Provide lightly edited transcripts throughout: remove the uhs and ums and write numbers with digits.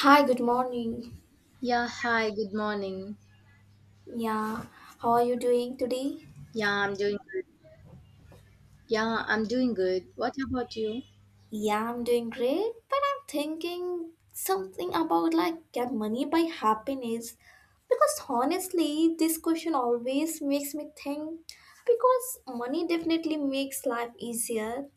Hi, good morning. Yeah, hi, good morning. Yeah, how are you doing today? Yeah, I'm doing good. Yeah, I'm doing good. What about you? Yeah, I'm doing great, but I'm thinking something about like get money by happiness because honestly, this question always makes me think because money definitely makes life easier.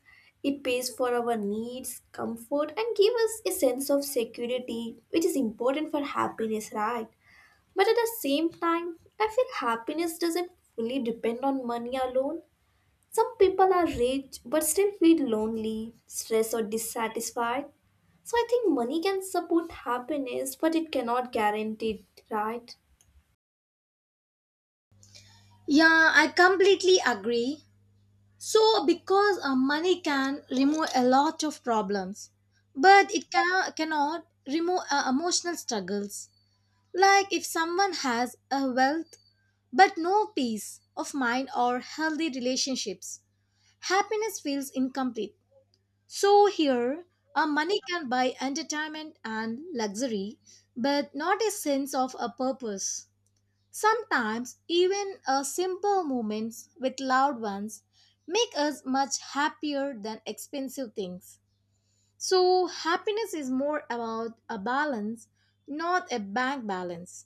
It pays for our needs, comfort, and give us a sense of security, which is important for happiness, right? But at the same time, I feel happiness doesn't fully depend on money alone. Some people are rich but still feel lonely, stressed, or dissatisfied. So I think money can support happiness, but it cannot guarantee it, right? Yeah, I completely agree. So, because money can remove a lot of problems, but it cannot remove emotional struggles. Like if someone has a wealth but no peace of mind or healthy relationships, happiness feels incomplete. So here, a money can buy entertainment and luxury, but not a sense of a purpose. Sometimes even a simple moments with loved ones make us much happier than expensive things. So happiness is more about a balance, not a bank balance.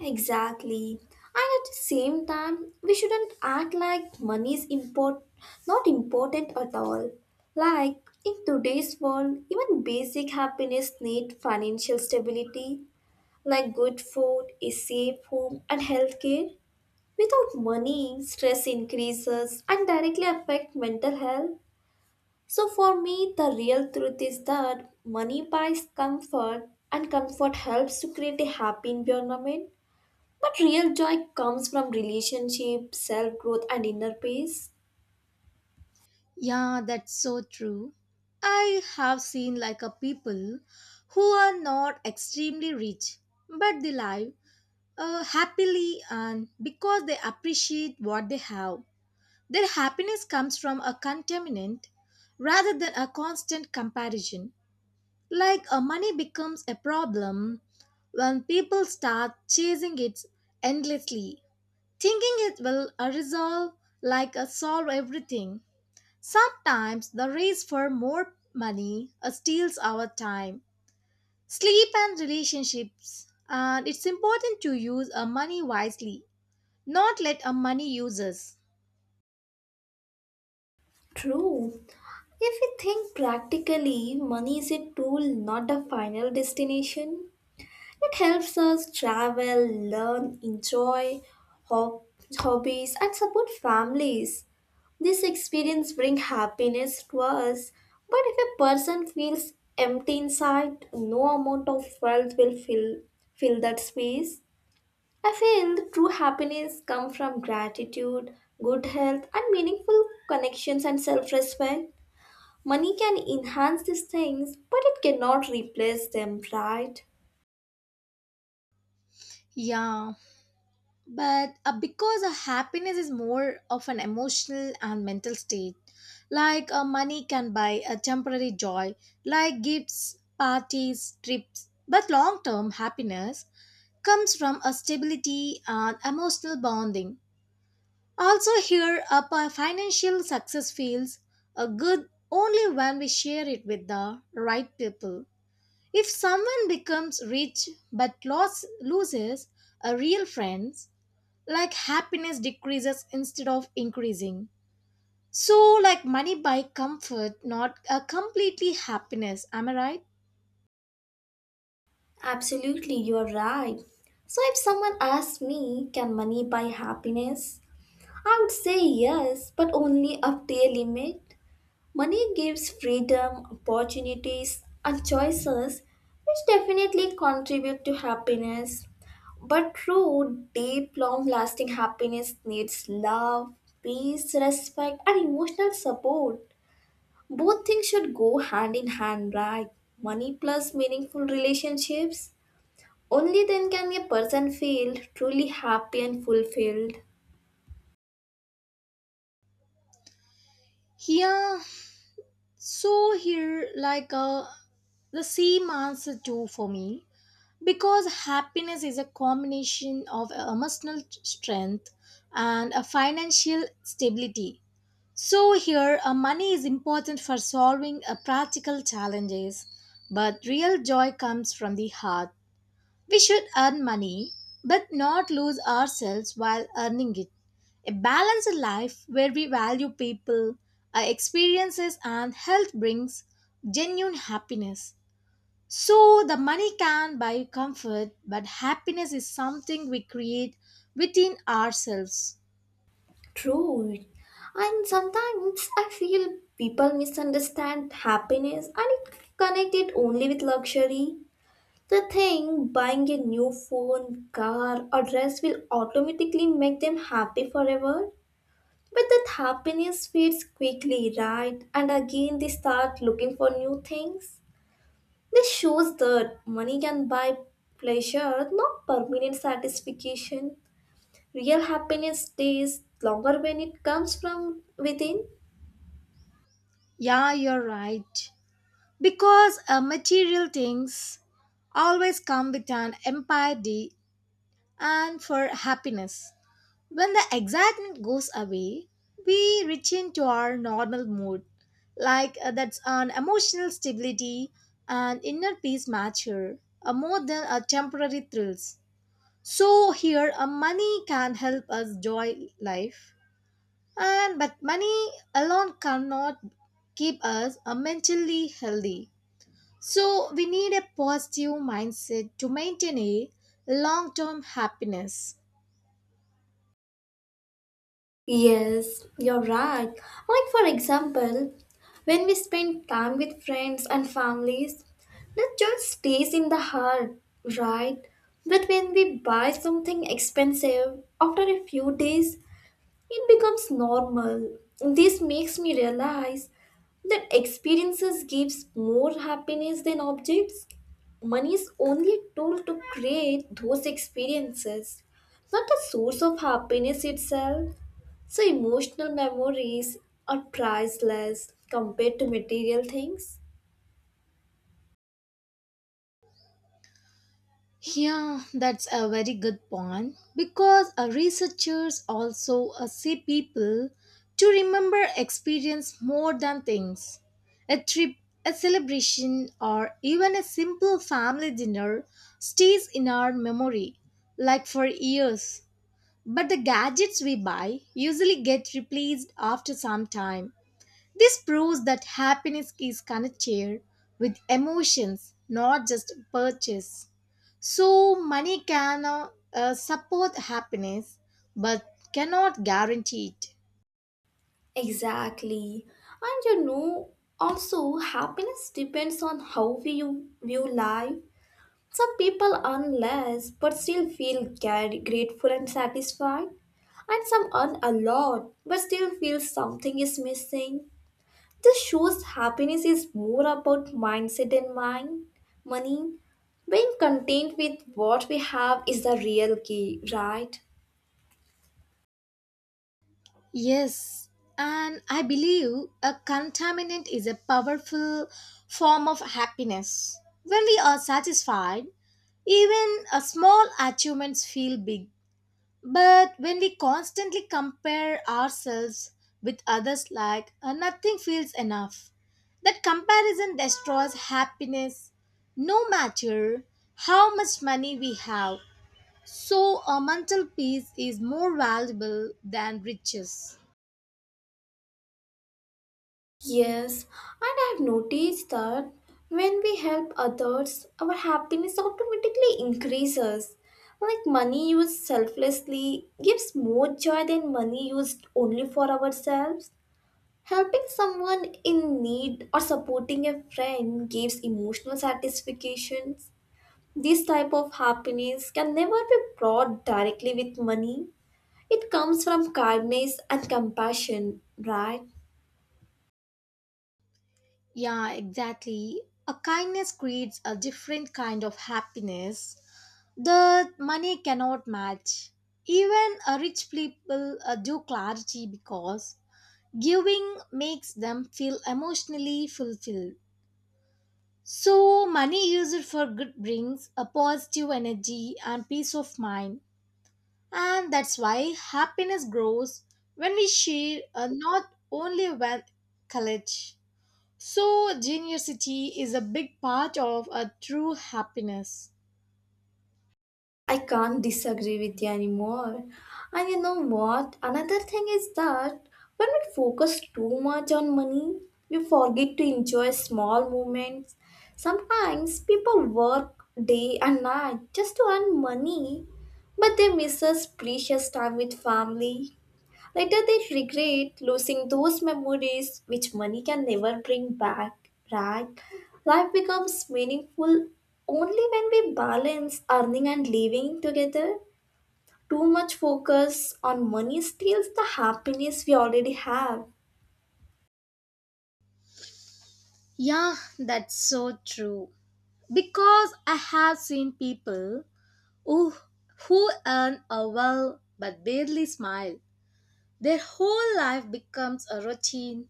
Exactly. And at the same time, we shouldn't act like money is import not important at all. Like in today's world, even basic happiness need financial stability, like good food, a safe home, and healthcare. Without money, stress increases and directly affect mental health. So for me, the real truth is that money buys comfort and comfort helps to create a happy environment. But real joy comes from relationship, self-growth and inner peace. Yeah, that's so true. I have seen like a people who are not extremely rich, but they live happily and because they appreciate what they have. Their happiness comes from a contentment rather than a constant comparison. Like a money becomes a problem when people start chasing it endlessly, thinking it will resolve like a solve everything. Sometimes the race for more money steals our time, sleep, and relationships. And it's important to use our money wisely not let a money use us. True. If we think practically, money is a tool, not a final destination. It helps us travel, learn, enjoy hob- hobbies, and support families. This experience bring happiness to us, but if a person feels empty inside, no amount of wealth will fill that space. I feel the true happiness comes from gratitude, good health, and meaningful connections and self-respect. Money can enhance these things, but it cannot replace them, right? Yeah, but because a happiness is more of an emotional and mental state, like money can buy a temporary joy like gifts, parties, trips, but long term happiness comes from a stability and emotional bonding. Also here a financial success feels a good only when we share it with the right people. If someone becomes rich but loses a real friends, like happiness decreases instead of increasing. So, like money buy comfort, not a completely happiness. Am I right? Absolutely, you're right. So if someone asks me, can money buy happiness? I would say yes, but only up to a limit. Money gives freedom, opportunities, and choices, which definitely contribute to happiness. But true, deep, long lasting happiness needs love, peace, respect, and emotional support. Both things should go hand in hand, right? Money plus meaningful relationships. Only then can a person feel truly happy and fulfilled. Here, So here, like the same answer too for me, because happiness is a combination of emotional strength and a financial stability. So here, money is important for solving practical challenges, but real joy comes from the heart. We should earn money, but not lose ourselves while earning it. A balanced life where we value people, our experiences, and health brings genuine happiness. So the money can buy comfort, but happiness is something we create within ourselves. True. And sometimes I feel people misunderstand happiness and it connect it only with luxury. They think buying a new phone, car, or dress will automatically make them happy forever. But that happiness fades quickly, right? And again, they start looking for new things. This shows that money can buy pleasure, not permanent satisfaction. Real happiness stays longer when it comes from within. Yeah, you're right. Because material things always come with an empathy and for happiness. When the excitement goes away, we reach into our normal mood, like that's an emotional stability and inner peace mature, more than a temporary thrills. So here, money can help us joy life, and but money alone cannot keep us mentally healthy. So, we need a positive mindset to maintain a long term happiness. Yes, you're right. Like, for example, when we spend time with friends and families, that joy stays in the heart, right? But when we buy something expensive, after a few days, it becomes normal. This makes me realize that experiences gives more happiness than objects. Money is only a tool to create those experiences, not the source of happiness itself. So emotional memories are priceless compared to material things. Yeah, that's a very good point because researchers also see people to remember experience more than things. A trip, a celebration, or even a simple family dinner stays in our memory like for years. But the gadgets we buy usually get replaced after some time. This proves that happiness is connected with emotions, not just purchase. So, money can support happiness but cannot guarantee it. Exactly. And you know, also happiness depends on how we view life. Some people earn less but still feel grateful and satisfied, and some earn a lot but still feel something is missing. This shows happiness is more about mindset than money. Being content with what we have is the real key, right? Yes, and I believe a contaminant is a powerful form of happiness. When we are satisfied, even a small achievements feel big. But when we constantly compare ourselves with others, like nothing feels enough, that comparison destroys happiness no matter how much money we have. So, a mental peace is more valuable than riches. Yes, and I've noticed that when we help others, our happiness automatically increases. Like money used selflessly gives more joy than money used only for ourselves. Helping someone in need or supporting a friend gives emotional satisfactions. This type of happiness can never be brought directly with money. It comes from kindness and compassion, right? Yeah, exactly. A kindness creates a different kind of happiness that money cannot match. Even a rich people do clarity because giving makes them feel emotionally fulfilled. So, money used for good brings a positive energy and peace of mind. And that's why happiness grows when we share, not only when college. So, generosity is a big part of a true happiness. I can't disagree with you anymore. And you know what? Another thing is that when we focus too much on money, we forget to enjoy small moments. Sometimes people work day and night just to earn money, but they miss us precious time with family. Later, they regret losing those memories which money can never bring back, right? Life becomes meaningful only when we balance earning and living together. Too much focus on money steals the happiness we already have. Yeah, that's so true. Because I have seen people who, who earn a well but barely smile. Their whole life becomes a routine,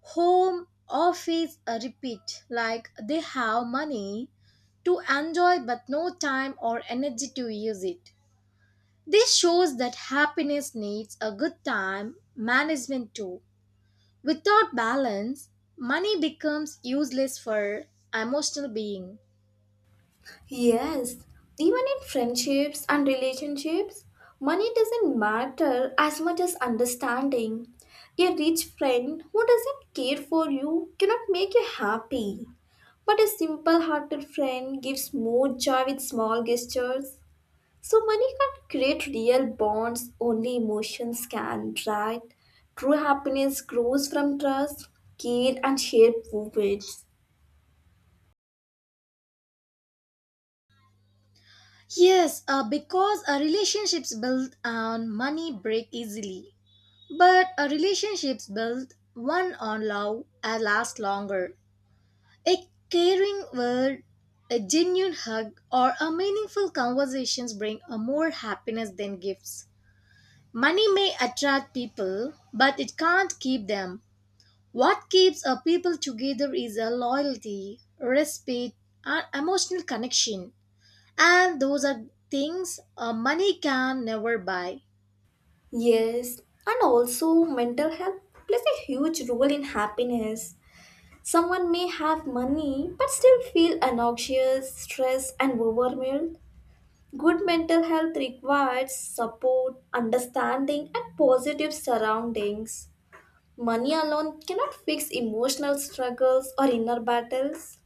home, office, a repeat, like they have money to enjoy but no time or energy to use it. This shows that happiness needs a good time management too. Without balance, money becomes useless for emotional being. Yes, even in friendships and relationships, money doesn't matter as much as understanding. A rich friend who doesn't care for you cannot make you happy. But a simple hearted friend gives more joy with small gestures. So, money can't create real bonds, only emotions can, right? True happiness grows from trust, care, and shared moments. Yes, because our relationships built on money break easily. But relationships built one on love last longer. A caring word, a genuine hug, or a meaningful conversations bring a more happiness than gifts. Money may attract people, but it can't keep them. What keeps a people together is a loyalty, respect, and emotional connection. And those are things money can never buy. Yes, and also mental health plays a huge role in happiness. Someone may have money but still feel anxious, stressed, and overwhelmed. Good mental health requires support, understanding, and positive surroundings. Money alone cannot fix emotional struggles or inner battles.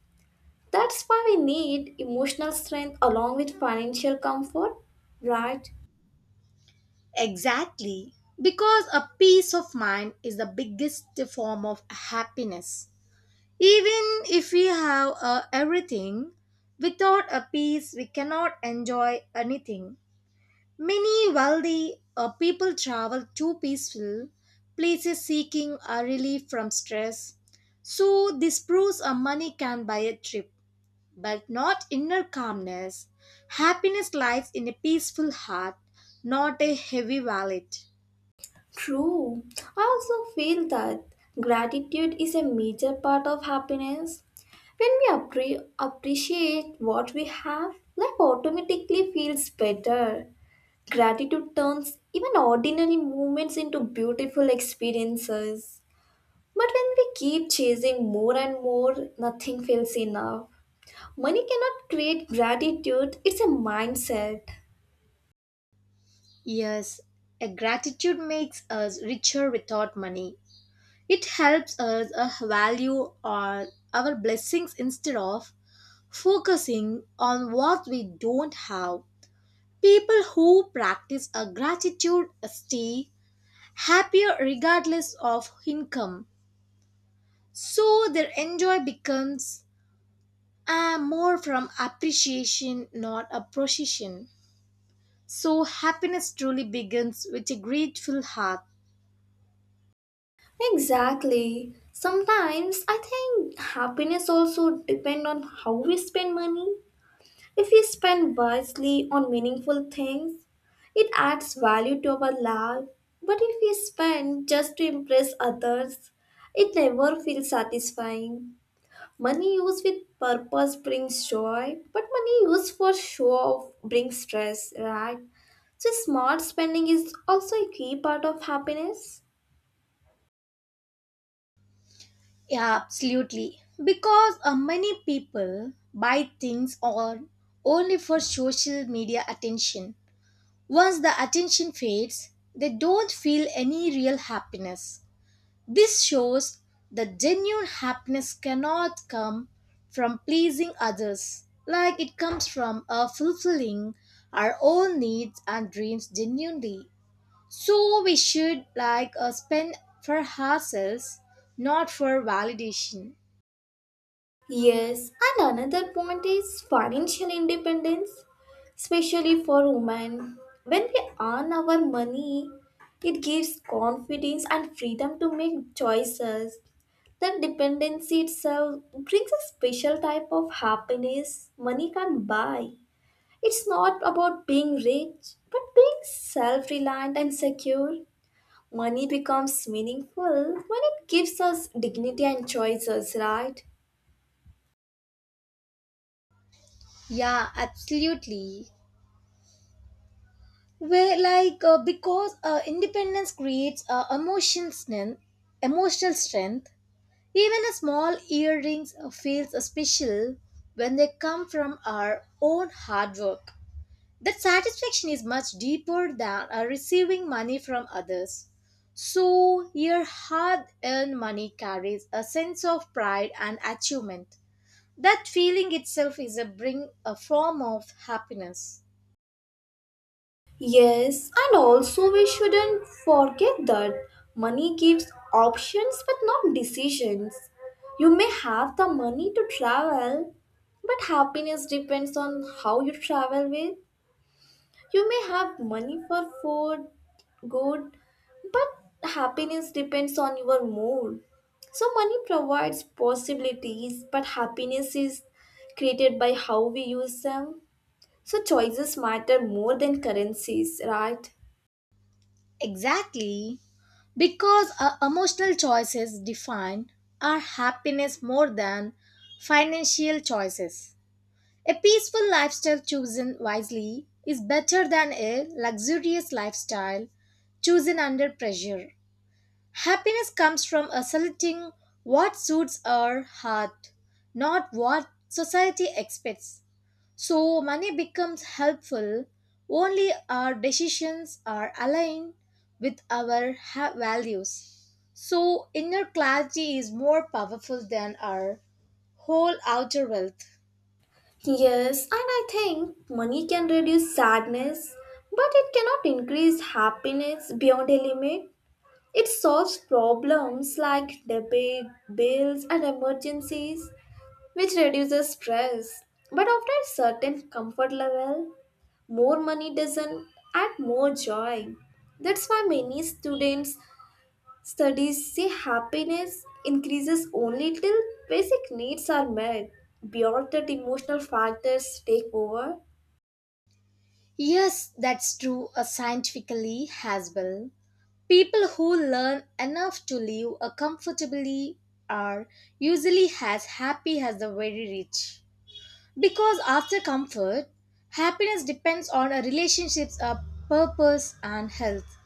That's why we need emotional strength along with financial comfort, right? Exactly, because a peace of mind is the biggest form of happiness. Even if we have everything, without a peace, we cannot enjoy anything. Many wealthy people travel to peaceful places seeking a relief from stress. So, this proves a money can buy a trip, but not inner calmness. Happiness lies in a peaceful heart, not a heavy wallet. True. I also feel that gratitude is a major part of happiness. When we appreciate what we have, life automatically feels better. Gratitude turns even ordinary moments into beautiful experiences. But when we keep chasing more and more, nothing feels enough. Money cannot create gratitude, it's a mindset. Yes, a gratitude makes us richer without money. It helps us value our blessings instead of focusing on what we don't have. People who practice a gratitude stay happier regardless of income. So their enjoy becomes more from appreciation, not a possession. So happiness truly begins with a grateful heart. Exactly. Sometimes I think happiness also depend on how we spend money. If we spend wisely on meaningful things, it adds value to our life. But if we spend just to impress others, it never feels satisfying. Money used with purpose brings joy, but money used for show off brings stress, right? So smart spending is also a key part of happiness. Yeah, absolutely. Because many people buy things on only for social media attention. Once the attention fades, they don't feel any real happiness. This shows that genuine happiness cannot come from pleasing others, like it comes from fulfilling our own needs and dreams genuinely. So we should like spend for ourselves, not for validation. Yes, and another point is financial independence, especially for women. When we earn our money, it gives confidence and freedom to make choices. That dependency itself brings a special type of happiness money can't buy. It's not about being rich, but being self reliant and secure. Money becomes meaningful when it gives us dignity and choices, right? Yeah, absolutely. Where like because independence creates emotional strength. Even a small earrings feels special when they come from our own hard work. That satisfaction is much deeper than receiving money from others. So your hard-earned money carries a sense of pride and achievement. That feeling itself is a bring a form of happiness. Yes, and also we shouldn't forget that money gives options but not decisions. You may have the money to travel, but happiness depends on how you travel with. You may have money for good, but happiness depends on your mood. So, money provides possibilities, but happiness is created by how we use them. So, choices matter more than currencies, right? Exactly. Because our emotional choices define our happiness more than financial choices. A peaceful lifestyle chosen wisely is better than a luxurious lifestyle chosen under pressure. Happiness comes from selecting what suits our heart, not what society expects. So money becomes helpful only our decisions are aligned with our values. So inner clarity is more powerful than our whole outer wealth. Yes, and I think money can reduce sadness, but it cannot increase happiness beyond a limit. It solves problems like debit, bills, and emergencies, which reduces stress. But after a certain comfort level, more money doesn't add more joy. That's why many students studies say happiness increases only till basic needs are met. Beyond that, emotional factors take over. Yes, that's true scientifically as well. People who learn enough to live comfortably are usually as happy as the very rich. Because after comfort, happiness depends on a relationship's purpose and health.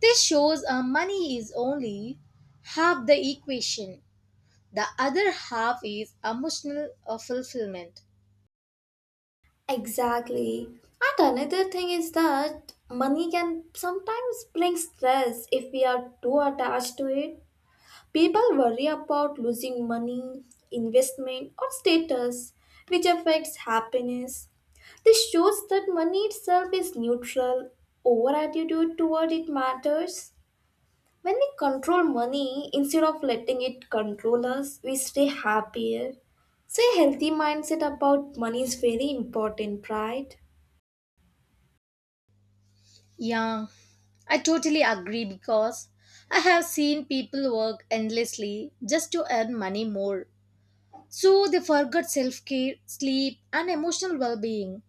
This shows money is only half the equation. The other half is emotional fulfillment. Exactly. And another thing is that money can sometimes bring stress if we are too attached to it. People worry about losing money, investment, or status, which affects happiness. This shows that money itself is neutral. Our attitude toward it matters. When we control money instead of letting it control us, we stay happier. So, a healthy mindset about money is very important, right? Yeah, I totally agree because I have seen people work endlessly just to earn money more. So they forgot self care, sleep, and emotional well being.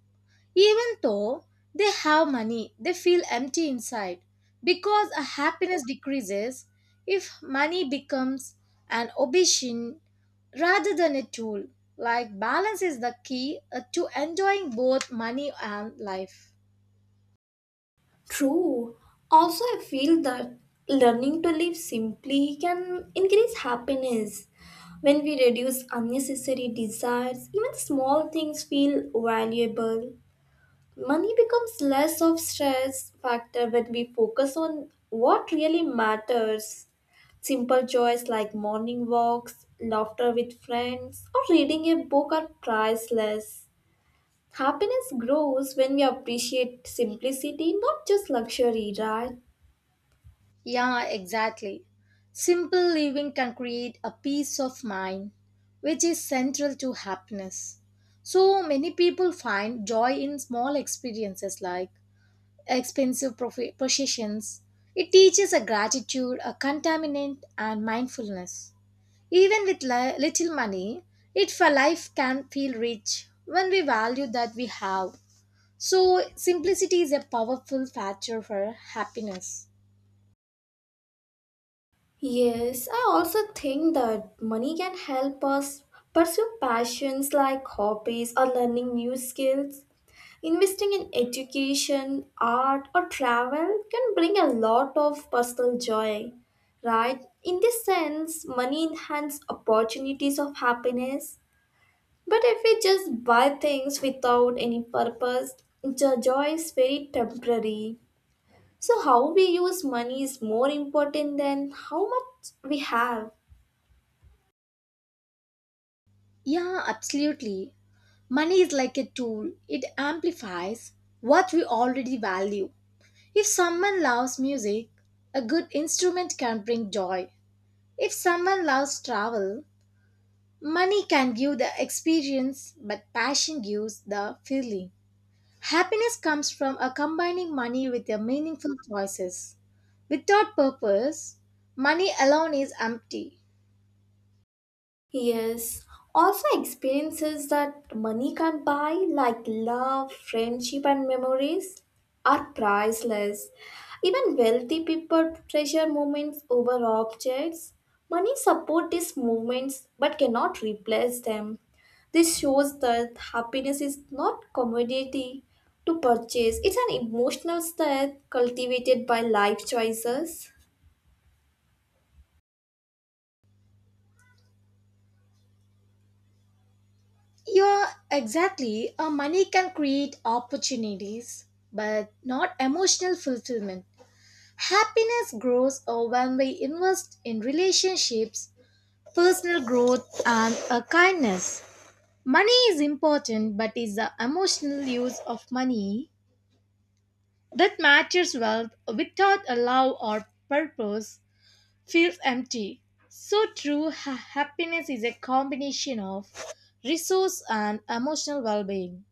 Even though they have money, they feel empty inside because a happiness decreases if money becomes an obsession rather than a tool. Like balance is the key to enjoying both money and life. True. Also, I feel that learning to live simply can increase happiness. When we reduce unnecessary desires, even small things feel valuable. Money becomes less of stress factor when we focus on what really matters. Simple joys like morning walks, laughter with friends, or reading a book are priceless. Happiness grows when we appreciate simplicity, not just luxury, right? Yeah, exactly. Simple living can create a peace of mind, which is central to happiness. So many people find joy in small experiences like expensive possessions. It teaches a gratitude, a contaminant, and mindfulness. Even with little money, it for life can feel rich when we value that we have. So, simplicity is a powerful factor for happiness. Yes, I also think that money can help us pursue passions like hobbies or learning new skills. Investing in education, art, or travel can bring a lot of personal joy, right? In this sense, money enhances opportunities of happiness. But if we just buy things without any purpose, the joy is very temporary. So, how we use money is more important than how much we have. Yeah, absolutely. Money is like a tool, it amplifies what we already value. If someone loves music, a good instrument can bring joy. If someone loves travel, money can give the experience, but passion gives the feeling. Happiness comes from a combining money with your meaningful choices. Without purpose, money alone is empty. Yes, also experiences that money can't buy, like love, friendship, and memories, are priceless. Even wealthy people treasure moments over objects. Money supports these moments but cannot replace them. This shows that happiness is not commodity to purchase, it's an emotional state cultivated by life choices. You're exactly a money can create opportunities, but not emotional fulfillment. Happiness grows when we invest in relationships, personal growth, and a kindness. Money is important, but it's the emotional use of money that matches wealth without a love or purpose feels empty. So true happiness is a combination of resource and emotional well-being.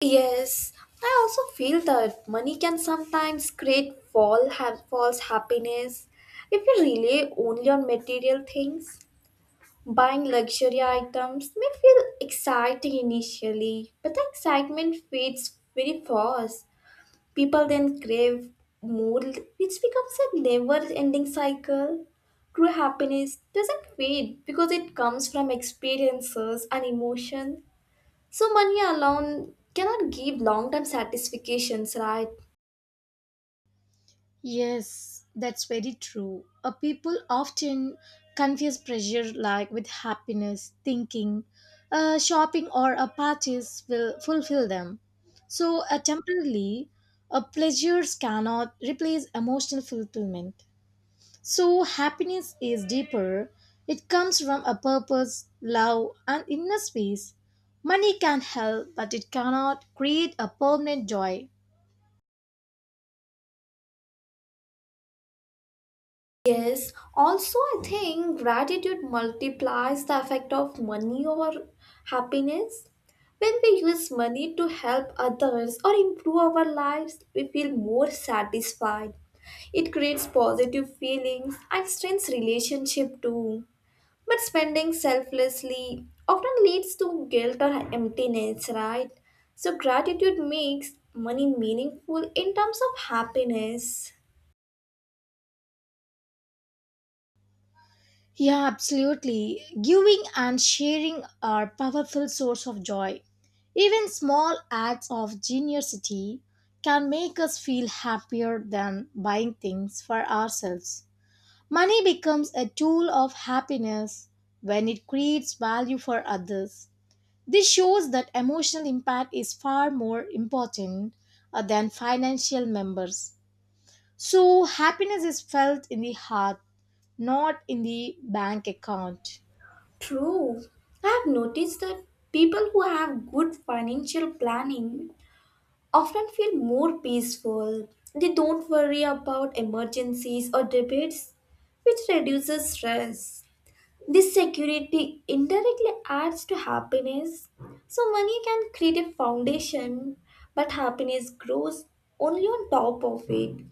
Yes, I also feel that money can sometimes create fall false happiness if you rely only on material things. Buying luxury items may feel exciting initially, but the excitement fades very fast. People then crave more, which becomes a never-ending cycle. True happiness doesn't fade because it comes from experiences and emotion so money alone cannot give long-term satisfactions, right? Yes, that's very true. People often confuse pressure like with happiness, thinking shopping or a parties will fulfill them. So temporarily, pleasures cannot replace emotional fulfillment. So happiness is deeper. It comes from a purpose, love, and inner space. Money can help, but it cannot create a permanent joy. Yes. Also, I think gratitude multiplies the effect of money over happiness. When we use money to help others or improve our lives, we feel more satisfied. It creates positive feelings and strengthens relationship too. But spending selflessly often leads to guilt or emptiness, right? So, gratitude makes money meaningful in terms of happiness. Yeah, absolutely. Giving and sharing are powerful source of joy. Even small acts of generosity can make us feel happier than buying things for ourselves. Money becomes a tool of happiness when it creates value for others. This shows that emotional impact is far more important than financial members. So, happiness is felt in the heart, not in the bank account. True. I have noticed that people who have good financial planning often feel more peaceful. They don't worry about emergencies or debates, which reduces stress. This security indirectly adds to happiness. So, money can create a foundation, but happiness grows only on top of it.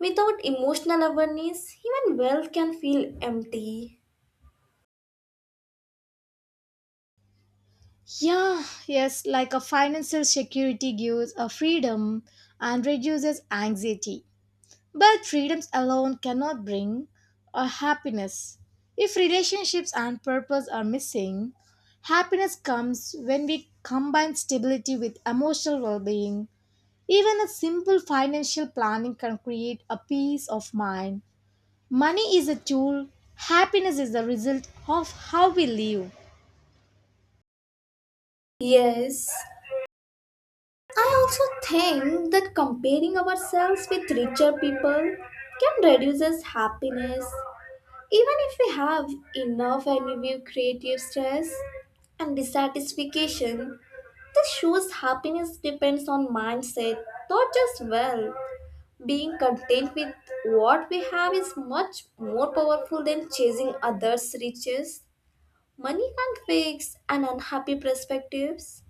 Without emotional awareness, even wealth can feel empty. Yeah, yes, like a financial security gives a freedom and reduces anxiety. But freedoms alone cannot bring a happiness. If relationships and purpose are missing, happiness comes when we combine stability with emotional well-being. Even a simple financial planning can create a peace of mind. Money is a tool, happiness is the result of how we live. Yes, I also think that comparing ourselves with richer people can reduce us happiness. Even if we have enough and we view creative stress and dissatisfaction, this shows happiness depends on mindset, not just well. Being content with what we have is much more powerful than chasing others' riches. Money can't fix an unhappy perspectives.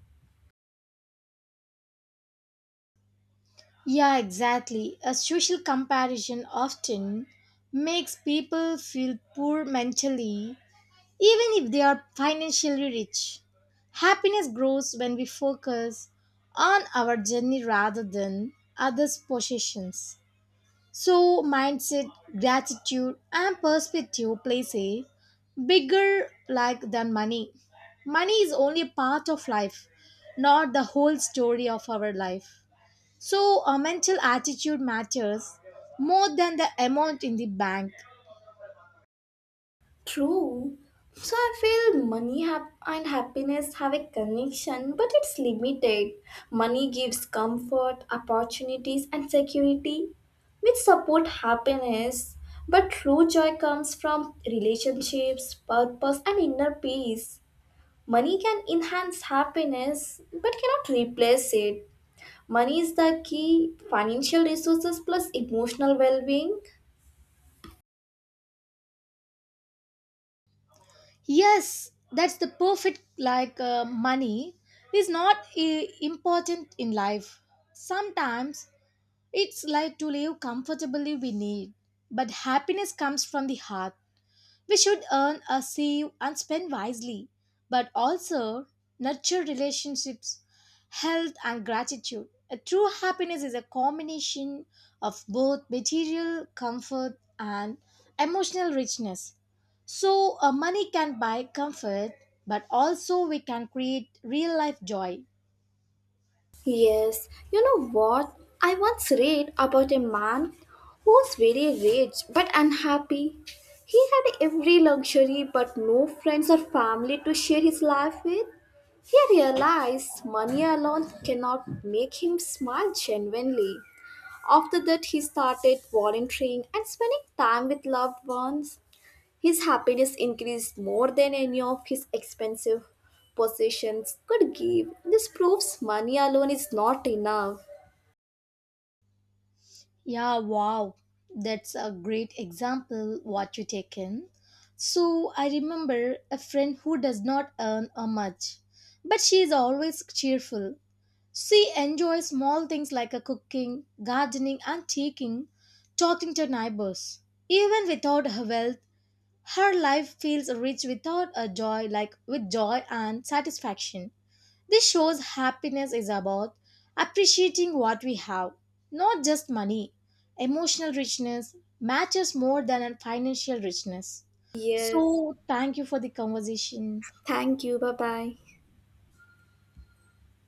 Yeah, exactly. A social comparison often makes people feel poor mentally, even if they are financially rich. Happiness grows when we focus on our journey rather than others' possessions. So, mindset, gratitude, and perspective plays a bigger like than money. Money is only a part of life, not the whole story of our life. So, a mental attitude matters more than the amount in the bank. True. So I feel money and happiness have a connection, but it's limited. Money gives comfort, opportunities, and security, which support happiness. But true joy comes from relationships, purpose, and inner peace. Money can enhance happiness, but cannot replace it. Money is the key financial resources plus emotional well being. Yes, that's the perfect like money is not important in life. Sometimes it's like to live comfortably we need, but happiness comes from the heart. We should earn a save and spend wisely, but also nurture relationships, health, and gratitude. A true happiness is a combination of both material comfort and emotional richness. So, money can buy comfort, but also we can create real life joy. Yes, you know what? I once read about a man who was very rich but unhappy. He had every luxury but no friends or family to share his life with. He realized money alone cannot make him smile genuinely. After that, he started volunteering and spending time with loved ones. His happiness increased more than any of his expensive possessions could give. This proves money alone is not enough. Yeah, wow. That's a great example what you taken. So I remember a friend who does not earn a much, but she is always cheerful. She enjoys small things like a cooking, gardening and talking to neighbors. Even without her wealth, her life feels rich without a joy like with joy and satisfaction. This shows happiness is about appreciating what we have, not just money. Emotional richness matters more than a financial richness. Yes. So, thank you for the conversation. Thank you. Bye bye.